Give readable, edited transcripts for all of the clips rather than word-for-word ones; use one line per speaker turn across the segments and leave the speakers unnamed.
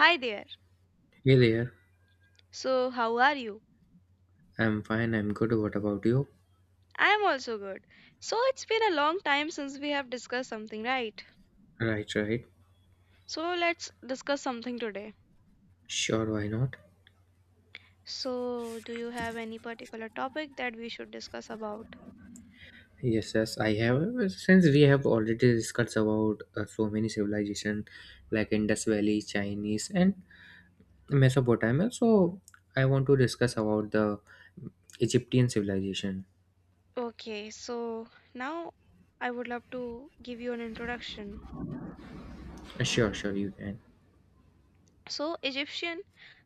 Hi there.
Hey there.
So, how are you?
I'm fine, I'm good. What about you?
I am also good. So, it's been a long time since we have discussed something, right?
Right, right.
So, let's discuss something today.
Sure, why not?
So, do you have any particular topic that we should discuss about?
Yes, yes, I have. Since we have already discussed about so many civilization like Indus Valley, Chinese, and Mesopotamia, so I want to discuss about the Egyptian civilization.
Okay, so now I would love to give you an introduction.
Sure, sure, you can.
So, Egyptian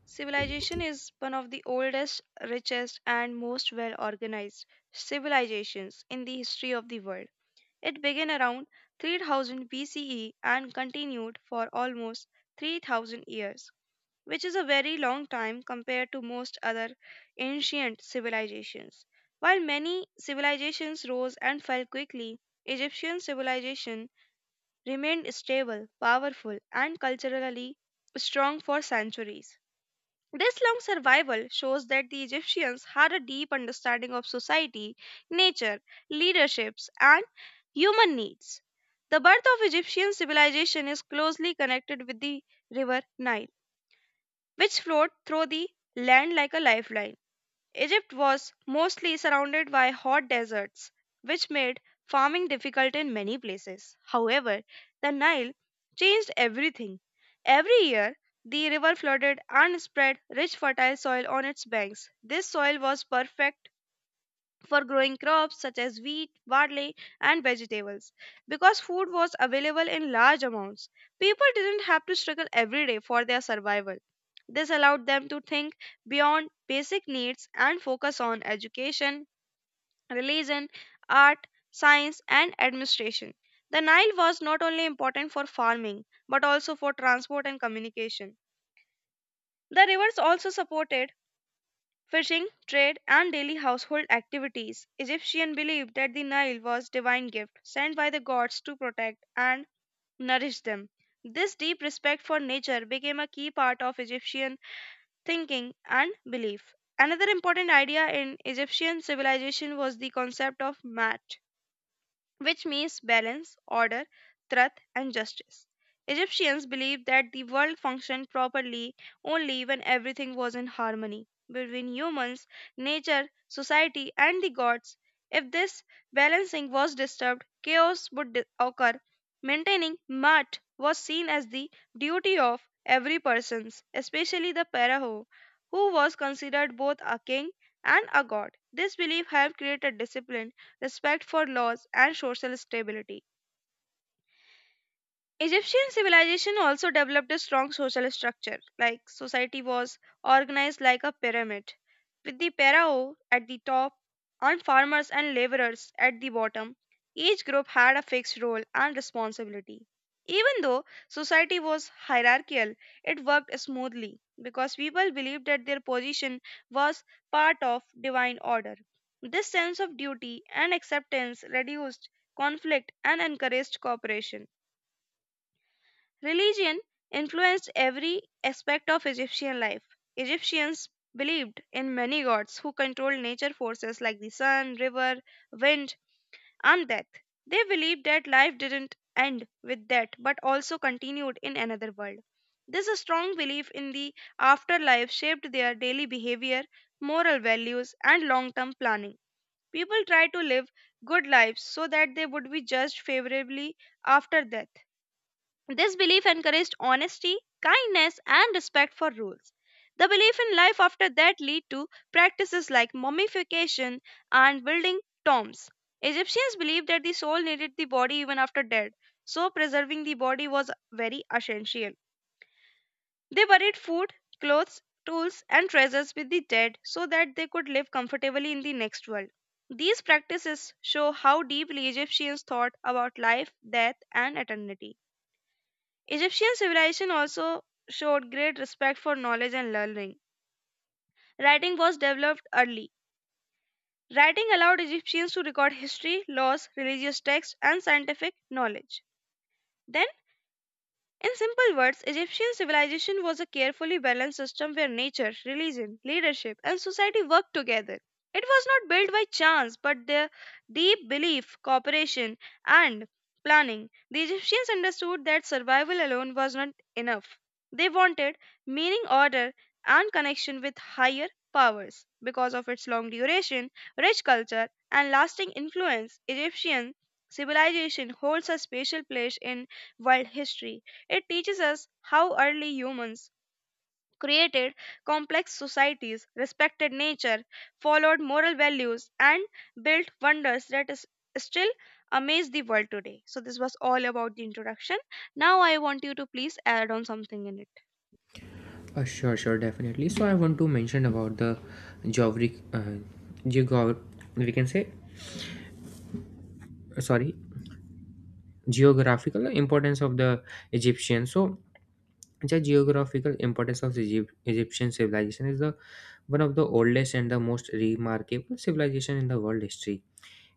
civilization is one of the oldest, richest, and most well organized civilizations in the history of the world. It began around 3000 BCE and continued for almost 3000 years, which is a very long time compared to most other ancient civilizations. While many civilizations rose and fell quickly, Egyptian civilization remained stable, powerful, and culturally strong for centuries. This long survival shows that the Egyptians had a deep understanding of society, nature, leaderships, and human needs. The birth of Egyptian civilization is closely connected with the river Nile, which flowed through the land like a lifeline. Egypt was mostly surrounded by hot deserts, which made farming difficult in many places. However, the Nile changed everything. Every year, the river flooded and spread rich fertile soil on its banks. This soil was perfect for growing crops such as wheat, barley, and vegetables. Because food was available in large amounts, people didn't have to struggle every day for their survival. This allowed them to think beyond basic needs and focus on education, religion, art, science, and administration. The Nile was not only important for farming but also for transport and communication. The rivers also supported Fishing, trade, and daily household activities. Egyptians believed that the Nile was divine gift sent by the gods to protect and nourish them. This deep respect for nature became a key part of Egyptian thinking and belief. Another important idea in Egyptian civilization was the concept of mat, which means balance, order, truth, and justice. Egyptians believed that the world functioned properly only when everything was in harmony between humans, nature, society, and the gods. If this balancing was disturbed, chaos would occur. Maintaining Mat was seen as the duty of every person, especially the Pharaoh, who was considered both a king and a god. This belief helped create a discipline respect for laws, and social stability. Egyptian civilization also developed a strong social structure, like society was organized like a pyramid, with the pharaoh at the top and farmers and laborers at the bottom. Each group had a fixed role and responsibility. Even though society was hierarchical, it worked smoothly because people believed that their position was part of divine order. This sense of duty and acceptance reduced conflict and encouraged cooperation. Religion influenced every aspect of Egyptian life. Egyptians believed in many gods who controlled nature forces like the sun, river, wind, and death. They believed that life didn't end with death but also continued in another world. This strong belief in the afterlife shaped their daily behavior, moral values, and long term planning. People tried to live good lives so that they would be judged favorably after death. This belief encouraged honesty, kindness, and respect for rules. The belief in life after that led to practices like mummification and building tombs. Egyptians believed that the soul needed the body even after death, so preserving the body was very essential. They buried food, clothes, tools, and treasures with the dead so that they could live comfortably in the next world. These practices show how deeply Egyptians thought about life, death, and eternity. Egyptian civilization also showed great respect for knowledge and learning. Writing was developed early. Writing allowed Egyptians to record history, laws, religious texts, and scientific knowledge. Then in simple words, Egyptian civilization was a carefully balanced system where nature, religion, leadership, and society worked together. It was not built by chance, but their deep belief, cooperation, and planning. The Egyptians understood that survival alone was not enough. They wanted meaning, order, and connection with higher powers. Because of its long duration, rich culture, and lasting influence, Egyptian civilization holds a special place in world history. It teaches us how early humans created complex societies, respected nature, followed moral values, and built wonders that is still amaze the world today. So, this was all about the introduction. Now, I want you to please add on something in it.
Sure, sure, definitely. So I want to mention about the geographic, geog- we can say, sorry, geographical importance of the Egyptian. So the geographical importance of Egypt, Egyptian civilization is the one of the oldest and the most remarkable civilization in the world history.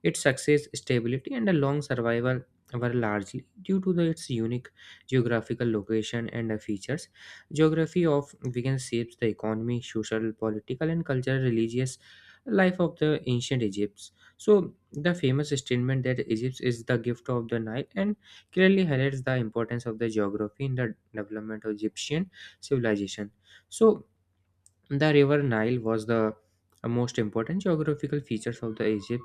Its success, stability, and a long survival were largely due to the, its unique geographical location and features. Geography of Venice shapes the economy, social, political, and cultural, religious life of the ancient Egypt. So, the famous statement that Egypt is the gift of the Nile and clearly highlights the importance of the geography in the development of Egyptian civilization. So, the river nile was the most important geographical features of the egypt,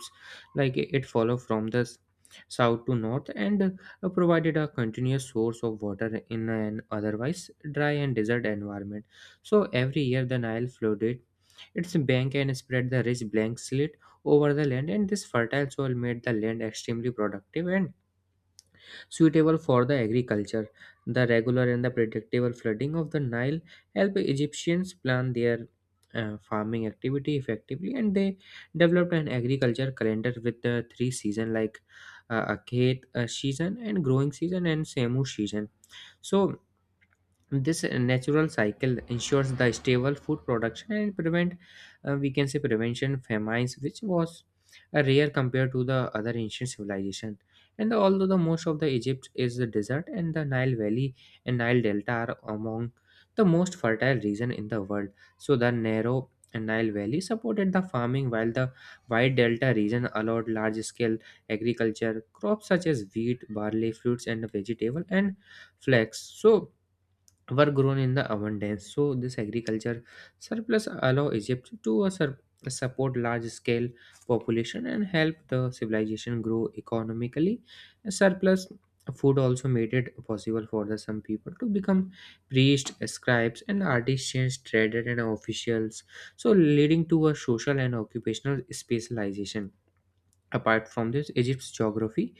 like it followed from the south to north and provided a continuous source of water in an otherwise dry and desert environment. So every year the nile flooded its bank and spread the rich blank slate over the land, and this fertile soil made the land extremely productive and suitable for the agriculture. The regular and the predictable flooding of the Nile helped Egyptians plan their farming activity effectively, and they developed an agriculture calendar with the three seasons like Akhet season and growing season and Semu season. So this natural cycle ensures the stable food production and prevent we can say prevention famines, which was a rare compared to the other ancient civilization. And although the most of the egypt is the desert, and the nile valley and nile delta are among the most fertile region in the world, so the narrow nile valley supported the farming, while the wide delta region allowed large scale agriculture crops such as wheat, barley, fruits and vegetable, and flax, so were grown in the abundance. So this agriculture surplus allow Egypt to a support large scale population and help the civilization grow economically. Surplus food also made it possible for the some people to become priests, scribes, and artisans, traders, and officials. So leading to a social and occupational specialization. Apart from this, Egypt's geography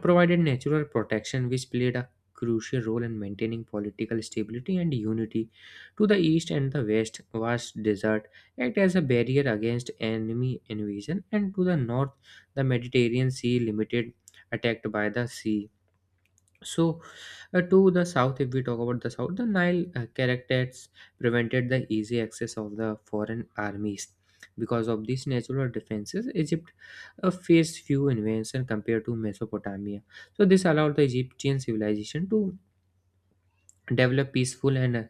provided natural protection, which played a crucial role in maintaining political stability and unity. To the east and the west, vast desert act as a barrier against enemy invasion, and to the north, the Mediterranean Sea limited attacked by the sea. So, to the south, if we talk about the south, the Nile characters prevented the easy access of the foreign armies. Because of these natural defenses, Egypt faced few invasions compared to Mesopotamia. So, this allowed the Egyptian civilization to develop peaceful and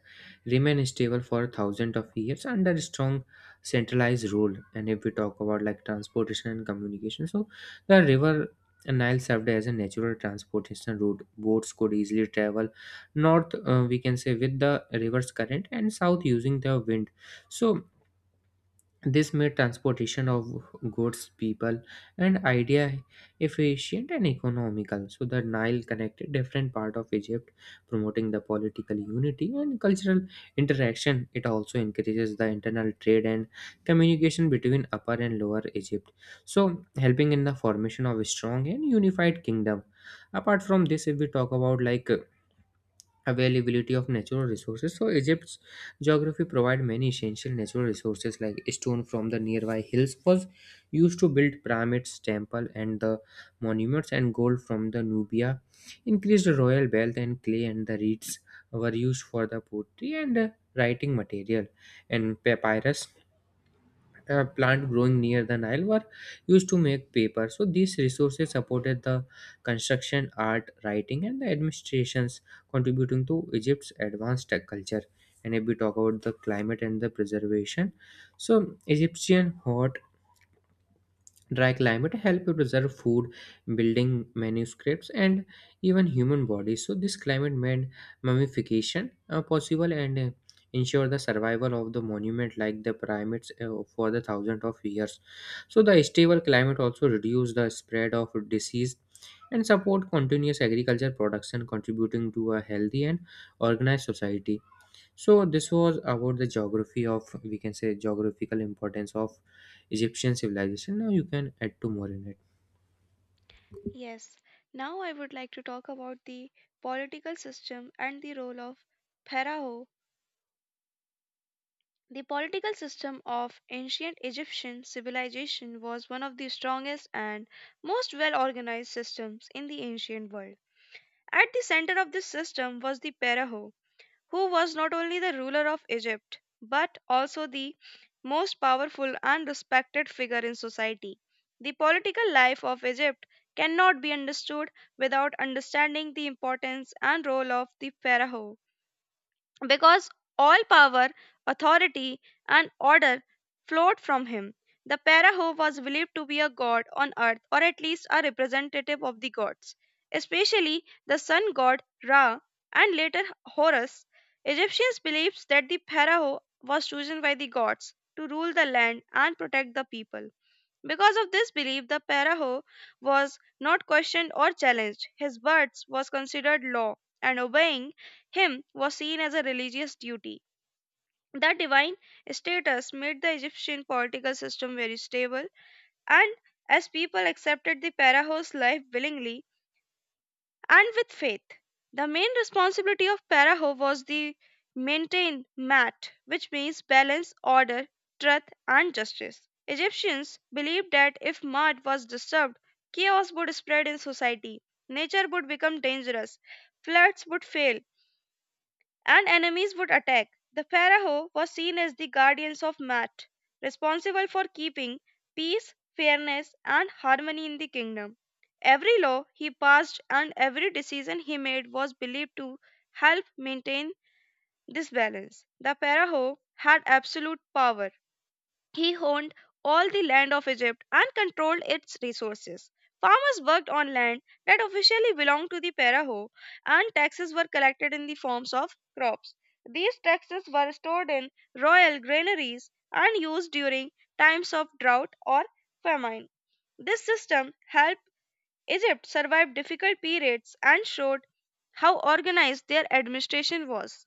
remain stable for thousands of years under strong centralized rule. And if we talk about like transportation and communication, so the river nile served as a natural transportation route. Boats could easily travel north, we can say, with the river's current, and south using the wind. So this made transportation of goods, people, and idea efficient and economical. So the Nile connected different part of Egypt, promoting the political unity and cultural interaction. It also encourages the internal trade and communication between Upper and Lower Egypt, so helping in the formation of a strong and unified kingdom. Apart from this, if we talk about like availability of natural resources. So Egypt's geography provided many essential natural resources, like stone from the nearby hills was used to build pyramids, temple and the monuments, and gold from the Nubia increased royal wealth, and clay and the reeds were used for the pottery and writing material, and papyrus plant growing near the Nile were used to make paper. So these resources supported the construction, art, writing, and the administrations, contributing to Egypt's advanced tech culture. And if we talk about the climate and the preservation, so Egyptian hot dry climate help you preserve food, building manuscripts, and even human bodies. So this climate made mummification possible and ensure the survival of the monument like the pyramids for the thousands of years. So the stable climate also reduce the spread of disease and support continuous agriculture production, contributing to a healthy and organized society. So this was about the geography of, we can say, geographical importance of Egyptian civilization. Now you can add two more in it.
Yes, now I would like to talk about the political system and the role of Pharaoh. The political system of ancient Egyptian civilization was one of the strongest and most well organized systems in the ancient world. At the center of this system was the Pharaoh, who was not only the ruler of Egypt but also the most powerful and respected figure in society. The political life of Egypt cannot be understood without understanding the importance and role of the Pharaoh, because all power, authority, and order flowed from him. The Paraho was believed to be a god on earth, or at least a representative of the gods, especially the sun god Ra and later Horus. Egyptians believed that the Paraho was chosen by the gods to rule the land and protect the people. Because of this belief, the paraho was not questioned or challenged. His words was considered law, and obeying him was seen as a religious duty. The divine status made the Egyptian political system very stable, and as people accepted the paraho's life willingly, and with faith. The main responsibility of Paraho was the maintain mat, which means balance, order, truth, and justice. Egyptians believed that if mud was disturbed, chaos would spread in society, nature would become dangerous, floods would fail, and enemies would attack. The Pharaoh was seen as the guardians of Maat, responsible for keeping peace, fairness, and harmony in the kingdom. Every law he passed and every decision he made was believed to help maintain this balance. The Pharaoh had absolute power. He owned all the land of Egypt and controlled its resources. Farmers worked on land that officially belonged to the Pharaoh, and taxes were collected in the forms of crops. These taxes were stored in royal granaries and used during times of drought or famine. This system helped Egypt survive difficult periods and showed how organized their administration was.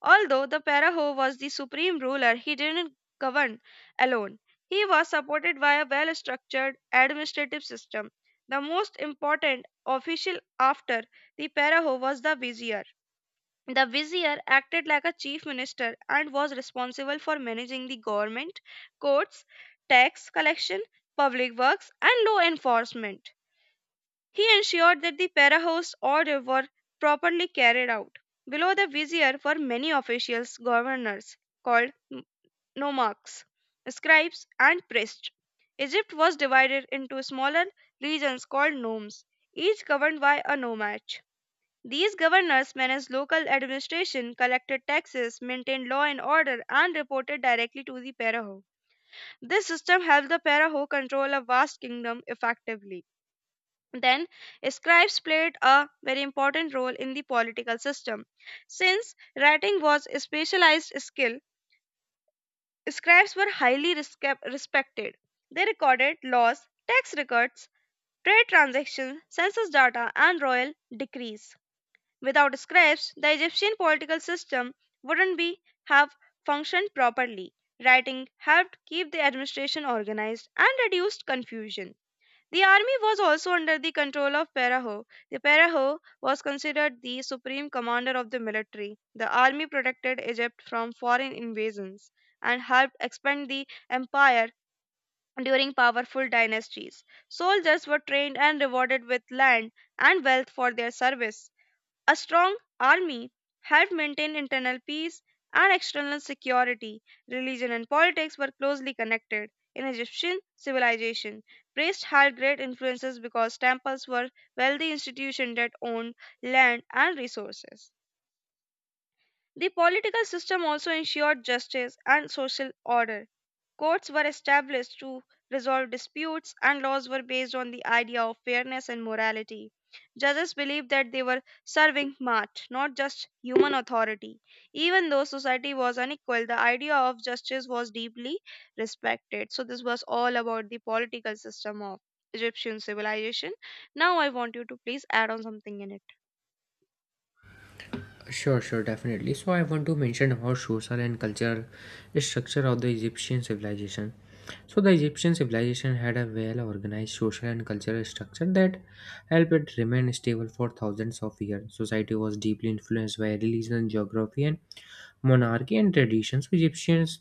Although the Paraho was the supreme ruler, he didn't govern alone. He was supported by a well structured administrative system. The most important official after the Paraho was the vizier. The vizier acted like a chief minister and was responsible for managing the government, courts, tax collection, public works, and law enforcement. He ensured that the para-host order were properly carried out. Below the vizier were many officials, governors, called nomarchs, scribes, and priests. Egypt was divided into smaller regions called nomes, each governed by a nomad. These governors managed local administration, collected taxes, maintained law and order, and reported directly to the paraho. This system helped the paraho control a vast kingdom effectively. Then, scribes played a very important role in the political system. Since writing was a specialized skill, scribes were highly respected. They recorded laws, tax records, trade transactions, census data, and royal decrees. Without scribes, the Egyptian political system wouldn't be have functioned properly. Writing helped keep the administration organized and reduced confusion. The army was also under the control of Paraho. The Paraho was considered the supreme commander of the military. The army protected Egypt from foreign invasions and helped expand the empire during powerful dynasties. Soldiers were trained and rewarded with land and wealth for their service. A strong army helped maintain internal peace and external security. Religion and politics were closely connected. In Egyptian civilization, priests had great influences because temples were wealthy institutions that owned land and resources. The political system also ensured justice and social order. Courts were established to resolve disputes, and laws were based on the idea of fairness and morality. Judges believed that they were serving Mart, not just human authority. Even though society was unequal, the idea of justice was deeply respected. So, this was all about the political system of Egyptian civilization. Now, I want you to please add on something in it.
Sure, sure, definitely. So I want to mention about social and cultural structure of the Egyptian civilization. So the Egyptian civilization had a well organized social and cultural structure that helped it remain stable for thousands of years. Society was deeply influenced by religion, geography, and monarchy and traditions. Egyptians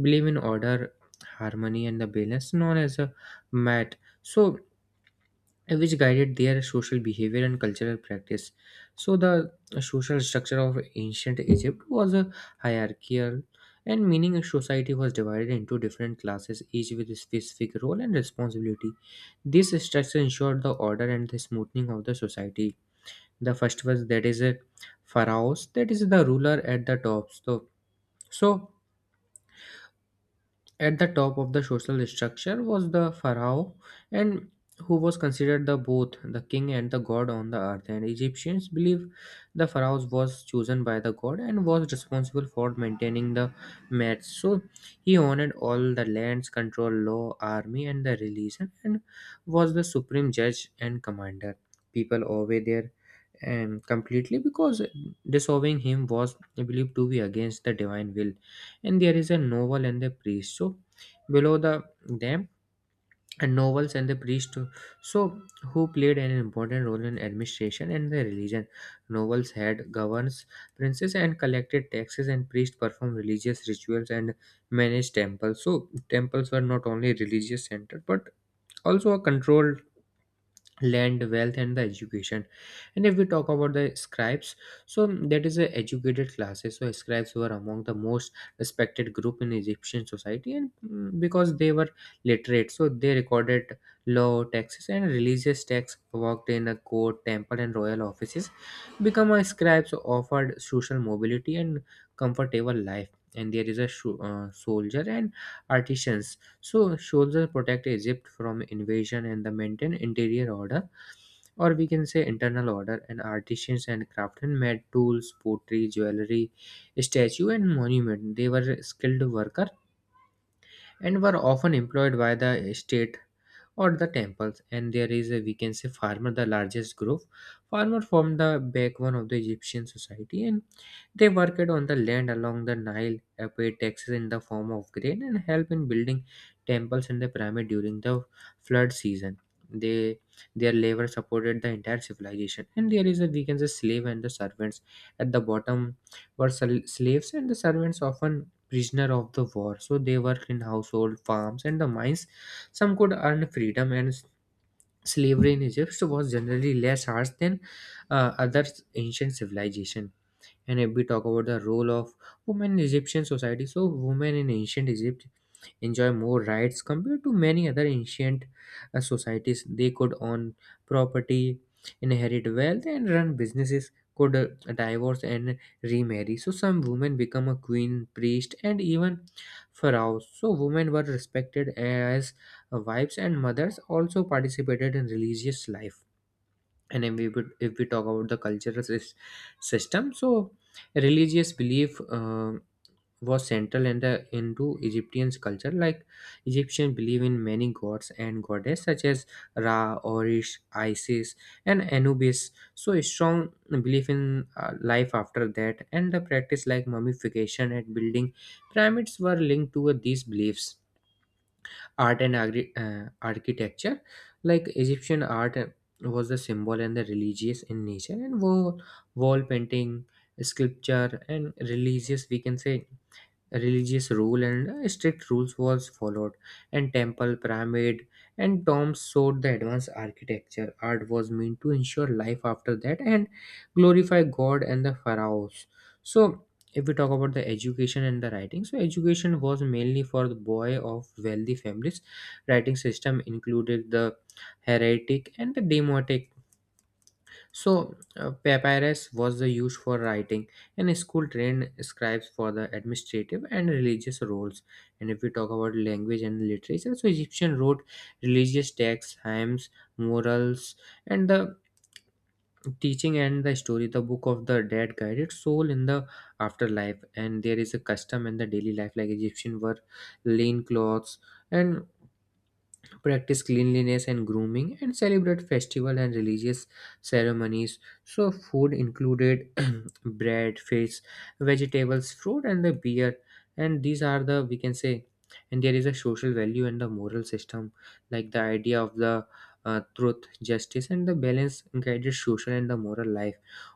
believe in order, harmony, and the balance known as a mat. So, which guided their social behavior and cultural practice. So, the social structure of ancient Egypt was a hierarchical, and meaning a society was divided into different classes, each with a specific role and responsibility. This structure ensured the order and the smoothing of the society. The first was that is a pharaohs, that is the ruler at the top. So, at the top of the social structure was the pharaoh, and who was considered the both the king and the god on the earth. And Egyptians believe the pharaoh was chosen by the god and was responsible for maintaining the myths. So he owned all the lands, control law, army, and the religion, and was the supreme judge and commander. People obey their and completely because disobeying him was believed to be against the divine will. And there is a novel and a priest, so below the them and novels and the priest, so who played an important role in administration and the religion. Novels had governs, princes, and collected taxes, and priests performed religious rituals and managed temples. So temples were not only religious center, but also a controlled land, wealth, and the education. And if we talk about the scribes, so that is a educated classes. So scribes were among the most respected group in egyptian society, and because they were literate, so they recorded law, taxes, and religious texts, worked in a court, temple, and royal offices. Become a scribe, so offered social mobility and comfortable life. And there is a soldier and artisans. So soldiers protect Egypt from invasion and they maintain interior order, or we can say internal order. And artisans and craftsmen made tools, pottery, jewelry, statue, and monument. They were skilled worker and were often employed by the state or the temples. And there is a, we can say, farmer, the largest group. Farmer formed the backbone of the egyptian society, and they worked on the land along the nile, paid taxes in the form of grain, and help in building temples and the pyramid during the flood season. They Their labor supported the entire civilization. And there is a, we can say, slave and the servants at the bottom. Were slaves and the servants, often prisoner of the war, so they worked in household, farms, and the mines. Some could earn freedom, and slavery in Egypt was generally less harsh than other ancient civilization. And if we talk about the role of women in Egyptian society, so women in ancient Egypt enjoy more rights compared to many other ancient societies. They could own property, inherit wealth, and run businesses, could divorce and remarry. So, some women become a queen, priest, and even pharaoh. So, women were respected as wives and mothers, also participated in religious life. And if we, if we talk about the cultural system, so religious belief was central and into Egyptian culture. Like Egyptians believe in many gods and goddess such as Ra, Orish, Isis, and Anubis. So a strong belief in life after that, and the practice like mummification and building pyramids were linked to these beliefs. Art and architecture, like Egyptian art was the symbol and the religious in nature, and wall painting, sculpture, and religious, we can say, religious rule, and strict rules was followed. And temple, pyramid, and tombs showed the advanced architecture. Art was meant to ensure life after that and glorify god and the pharaohs. So if we talk about the education and the writing, so education was mainly for the boy of wealthy families. Writing system included the heretic and the demotic. So, papyrus was the use for writing, and school trained scribes for the administrative and religious roles. And if we talk about language and literature, so Egyptian wrote religious texts, hymns, morals, and the teaching and the story. The book of the dead guided soul in the afterlife, and there is a custom in the daily life, like Egyptian were lean clothes and practice cleanliness and grooming and celebrate festival and religious ceremonies so food included bread fish vegetables fruit and the beer and these are the we can say and there is a social value and the moral system like the idea of the truth justice and the balance guided social and the moral life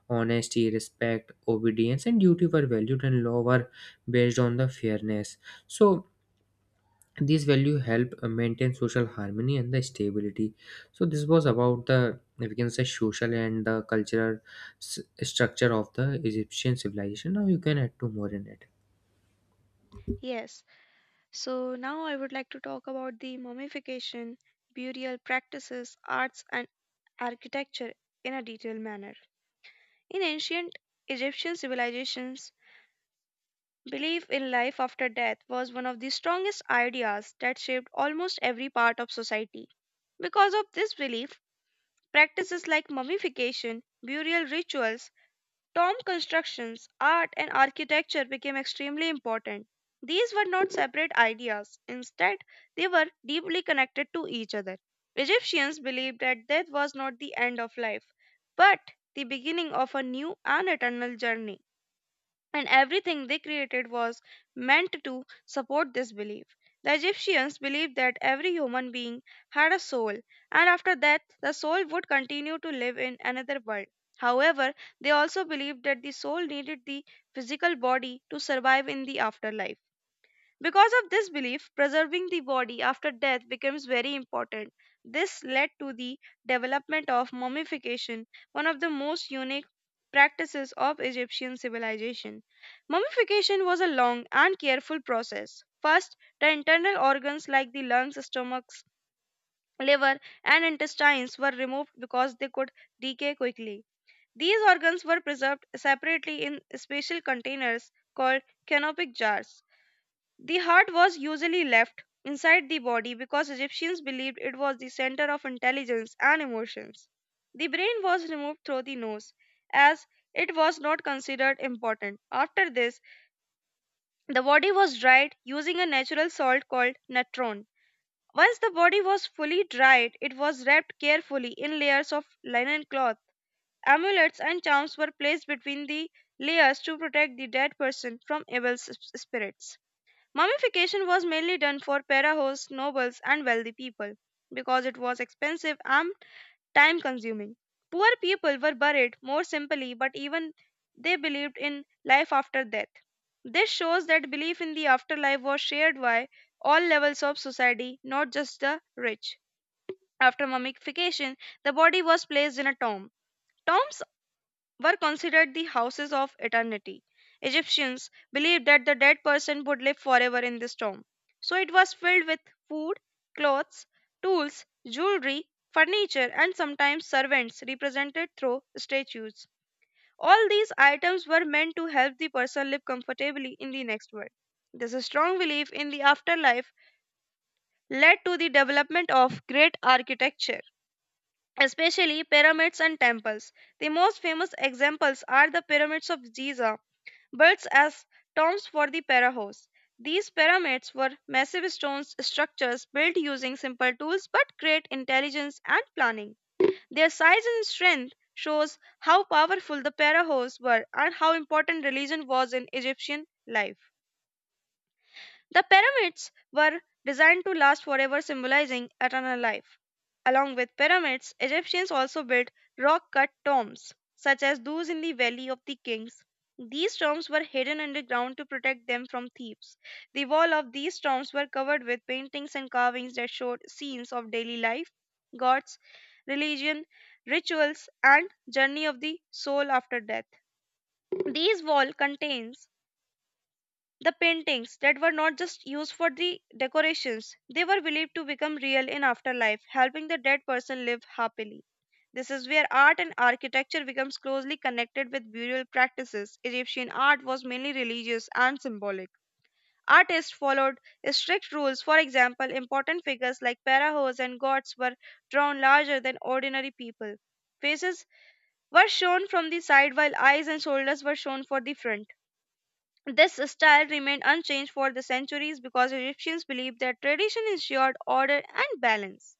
honesty respect obedience and duty were valued and law were based on the fairness so these value help maintain social harmony and the stability. So this was about the, we can say, social and the cultural structure of the Egyptian civilization. Now you can add to more in it.
Yes. So, now I would like to talk about the mummification, burial practices, arts, and architecture in a detailed manner. In ancient Egyptian civilizations, belief in life after death was one of the strongest ideas that shaped almost every part of society. Because of this belief, practices like mummification, burial rituals, tomb constructions, art, and architecture became extremely important. These were not separate ideas, instead, they were deeply connected to each other. Egyptians believed that death was not the end of life, but the beginning of a new and eternal journey, and everything they created was meant to support this belief. The Egyptians believed that every human being had a soul, and after death, the soul would continue to live in another world. However, they also believed that the soul needed the physical body to survive in the afterlife. Because of this belief, preserving the body after death becomes very important. This led to the development of mummification, one of the most unique practices of Egyptian civilization. Mummification was a long and careful process. First, the internal organs like the lungs, stomachs, liver, and intestines were removed because they could decay quickly. These organs were preserved separately in special containers called canopic jars. The heart was usually left inside the body because Egyptians believed it was the center of intelligence and emotions. The brain was removed through the nose as it was not considered important. After this, the body was dried using a natural salt called natron. Once the body was fully dried, it was wrapped carefully in layers of linen cloth. Amulets and charms were placed between the layers to protect the dead person from evil spirits. Mummification was mainly done for para hosts, nobles, and wealthy people because it was expensive and time consuming. Poor people were buried more simply, but even they believed in life after death. This shows that belief in the afterlife was shared by all levels of society, not just the rich. After mummification, the body was placed in a tomb. Tombs were considered the houses of eternity. Egyptians believed that the dead person would live forever in this tomb. So it was filled with food, clothes, tools, jewelry, furniture, and sometimes servants represented through statues. All these items were meant to help the person live comfortably in the next world. This strong belief in the afterlife led to the development of great architecture especially pyramids and temples. The most famous examples are the pyramids of Giza, built as tombs for the pharaohs. These pyramids were massive stone structures built using simple tools but great intelligence and planning. Their size and strength shows how powerful the pharaohs were and how important religion was in Egyptian life. The pyramids were designed to last forever, symbolizing eternal life. Along with pyramids, Egyptians also built rock cut tombs, such as those in the Valley of the Kings. These tombs were hidden underground to protect them from thieves. The wall of these tombs were covered with paintings and carvings that showed scenes of daily life, gods, religion, rituals, and journey of the soul after death. These wall contains the paintings that were not just used for the decorations, they were believed to become real in afterlife, helping the dead person live happily. This is where art and architecture becomes closely connected with burial practices. Egyptian art was mainly religious and symbolic. Artists followed strict rules. For example, important figures like pharaohs and gods were drawn larger than ordinary people. Faces were shown from the side while eyes and shoulders were shown for the front. This style remained unchanged for the centuries because Egyptians believed that tradition ensured order and balance.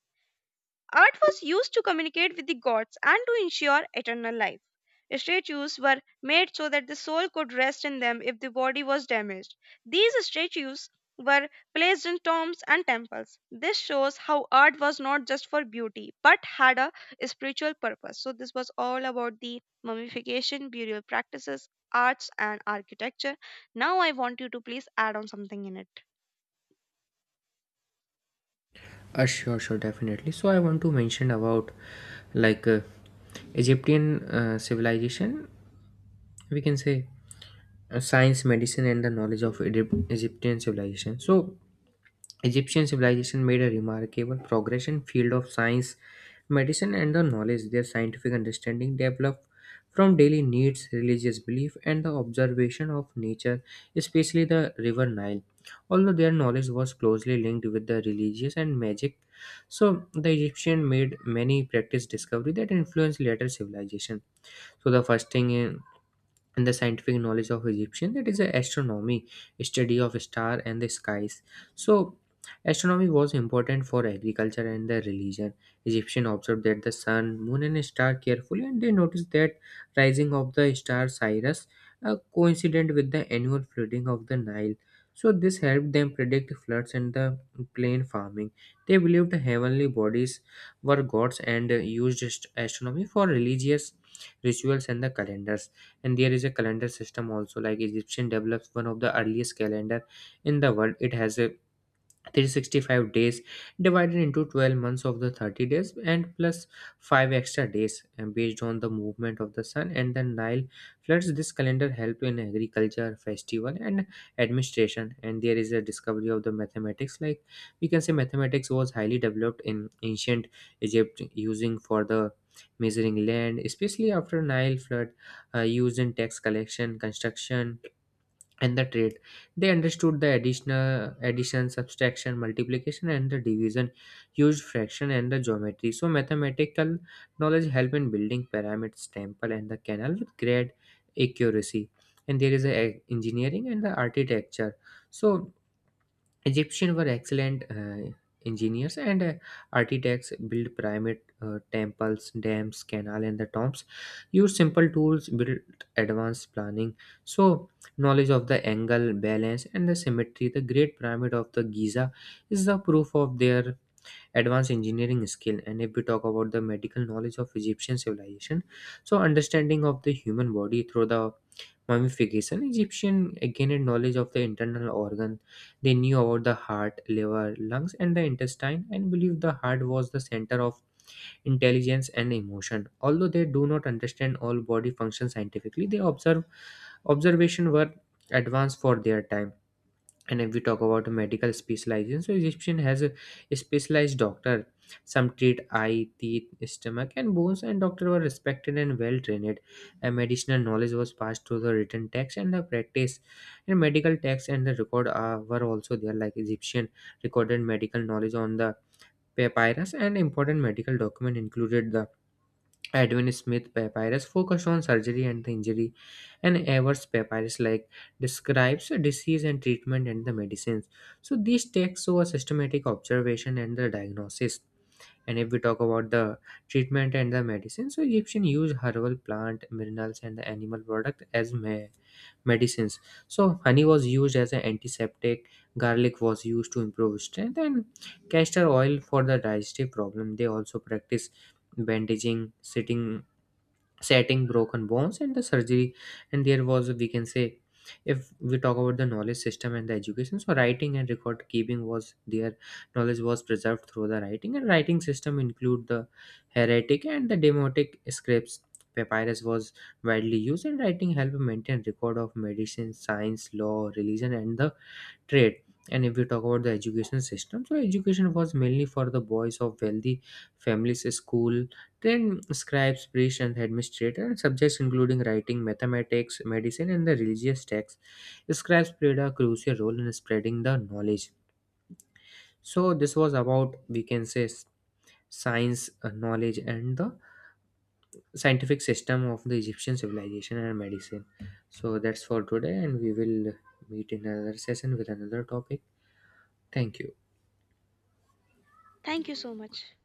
Art was used to communicate with the gods and to ensure eternal life. Statues were made so that the soul could rest in them if the body was damaged. These statues were placed in tombs and temples. This shows how art was not just for beauty but had a spiritual purpose. So, this was all about the mummification, burial practices, arts, and architecture. Now, I want you to please add on something in it.
Sure, definitely, so I want to mention about, like, Egyptian civilization, we can say, science, medicine and the knowledge of Egypt, Egyptian civilization. So Egyptian civilization made a remarkable progress in field of science, medicine and the knowledge. Their scientific understanding developed from daily needs, religious belief and the observation of nature, especially the river Nile. Although their knowledge was closely linked with the religious and magic, so the Egyptian made many practice discovery that influenced later civilization. So the first thing and the scientific knowledge of Egyptian, that is a astronomy, study of star and the skies. So astronomy was important for agriculture and the religion. Egyptian observed that the sun, moon and star carefully, and they noticed that rising of the star Cyrus coincident with the annual flooding of the Nile. So this helped them predict floods and the plain farming. They believed heavenly bodies were gods and used astronomy for religious rituals and the calendars. And there is a calendar system also, like Egyptian develops one of the earliest calendar in the world. It has a 365 days divided into 12 months of the 30 days and plus 5 extra days, and based on the movement of the sun and the Nile floods. This calendar helped in agriculture, festival and administration. And there is a discovery of the mathematics, like we can say mathematics was highly developed in ancient Egypt, using for the measuring land especially after Nile flood, used in tax collection, construction and the trade. They understood the additional addition, subtraction, multiplication and the division, used fraction and the geometry. So mathematical knowledge help in building pyramids, temple and the canal with great accuracy. And there is a engineering and the architecture. So Egyptians were excellent engineers and architects, built pyramid, temples, dams, canal, and the tombs. Used simple tools, built advanced planning. So, knowledge of the angle, balance, and the symmetry. The Great Pyramid of the Giza is the proof of their advanced engineering skill. And if we talk about the medical knowledge of Egyptian civilization, so understanding of the human body through the mummification, Egyptian gained knowledge of the internal organ. They knew about the heart, liver, lungs and the intestine, and believed the heart was the center of intelligence and emotion. Although they do not understand all body functions scientifically, they observe observation were advanced for their time. And if we talk about medical specialization, so Egyptian has a specialized doctor, some treat eye, teeth, stomach and bones, and doctor were respected and well trained, and medicinal knowledge was passed through the written text and the practice. And medical text and the record, were also there, like Egyptian recorded medical knowledge on the papyrus, and important medical document included the Edwin Smith Papyrus focused on surgery and the injury, and Evers Papyrus, like, describes disease and treatment and the medicines. So these texts show a systematic observation and the diagnosis. And if we talk about the treatment and the medicine, so Egyptian used herbal plant, minerals, and the animal product as medicines. So honey was used as an antiseptic, garlic was used to improve strength, and castor oil for the digestive problem. They also practice bandaging, sitting setting broken bones and the surgery. And there was, we can say, if we talk about the knowledge system and the education, so writing and record keeping was their knowledge was preserved through the writing, and writing system include the heretic and the demotic scripts. Papyrus was widely used, and writing helped maintain record of medicine, science, law, religion and the trade. And if we talk about the education system, so education was mainly for the boys of wealthy families, school, then scribes, priests, and administrator, and subjects including writing, mathematics, medicine, and the religious texts. Scribes played a crucial role in spreading the knowledge. So this was about, we can say, science, knowledge, and the scientific system of the Egyptian civilization and medicine. So that's for today, and we will meet in another session with another topic. Thank you.
Thank you so much.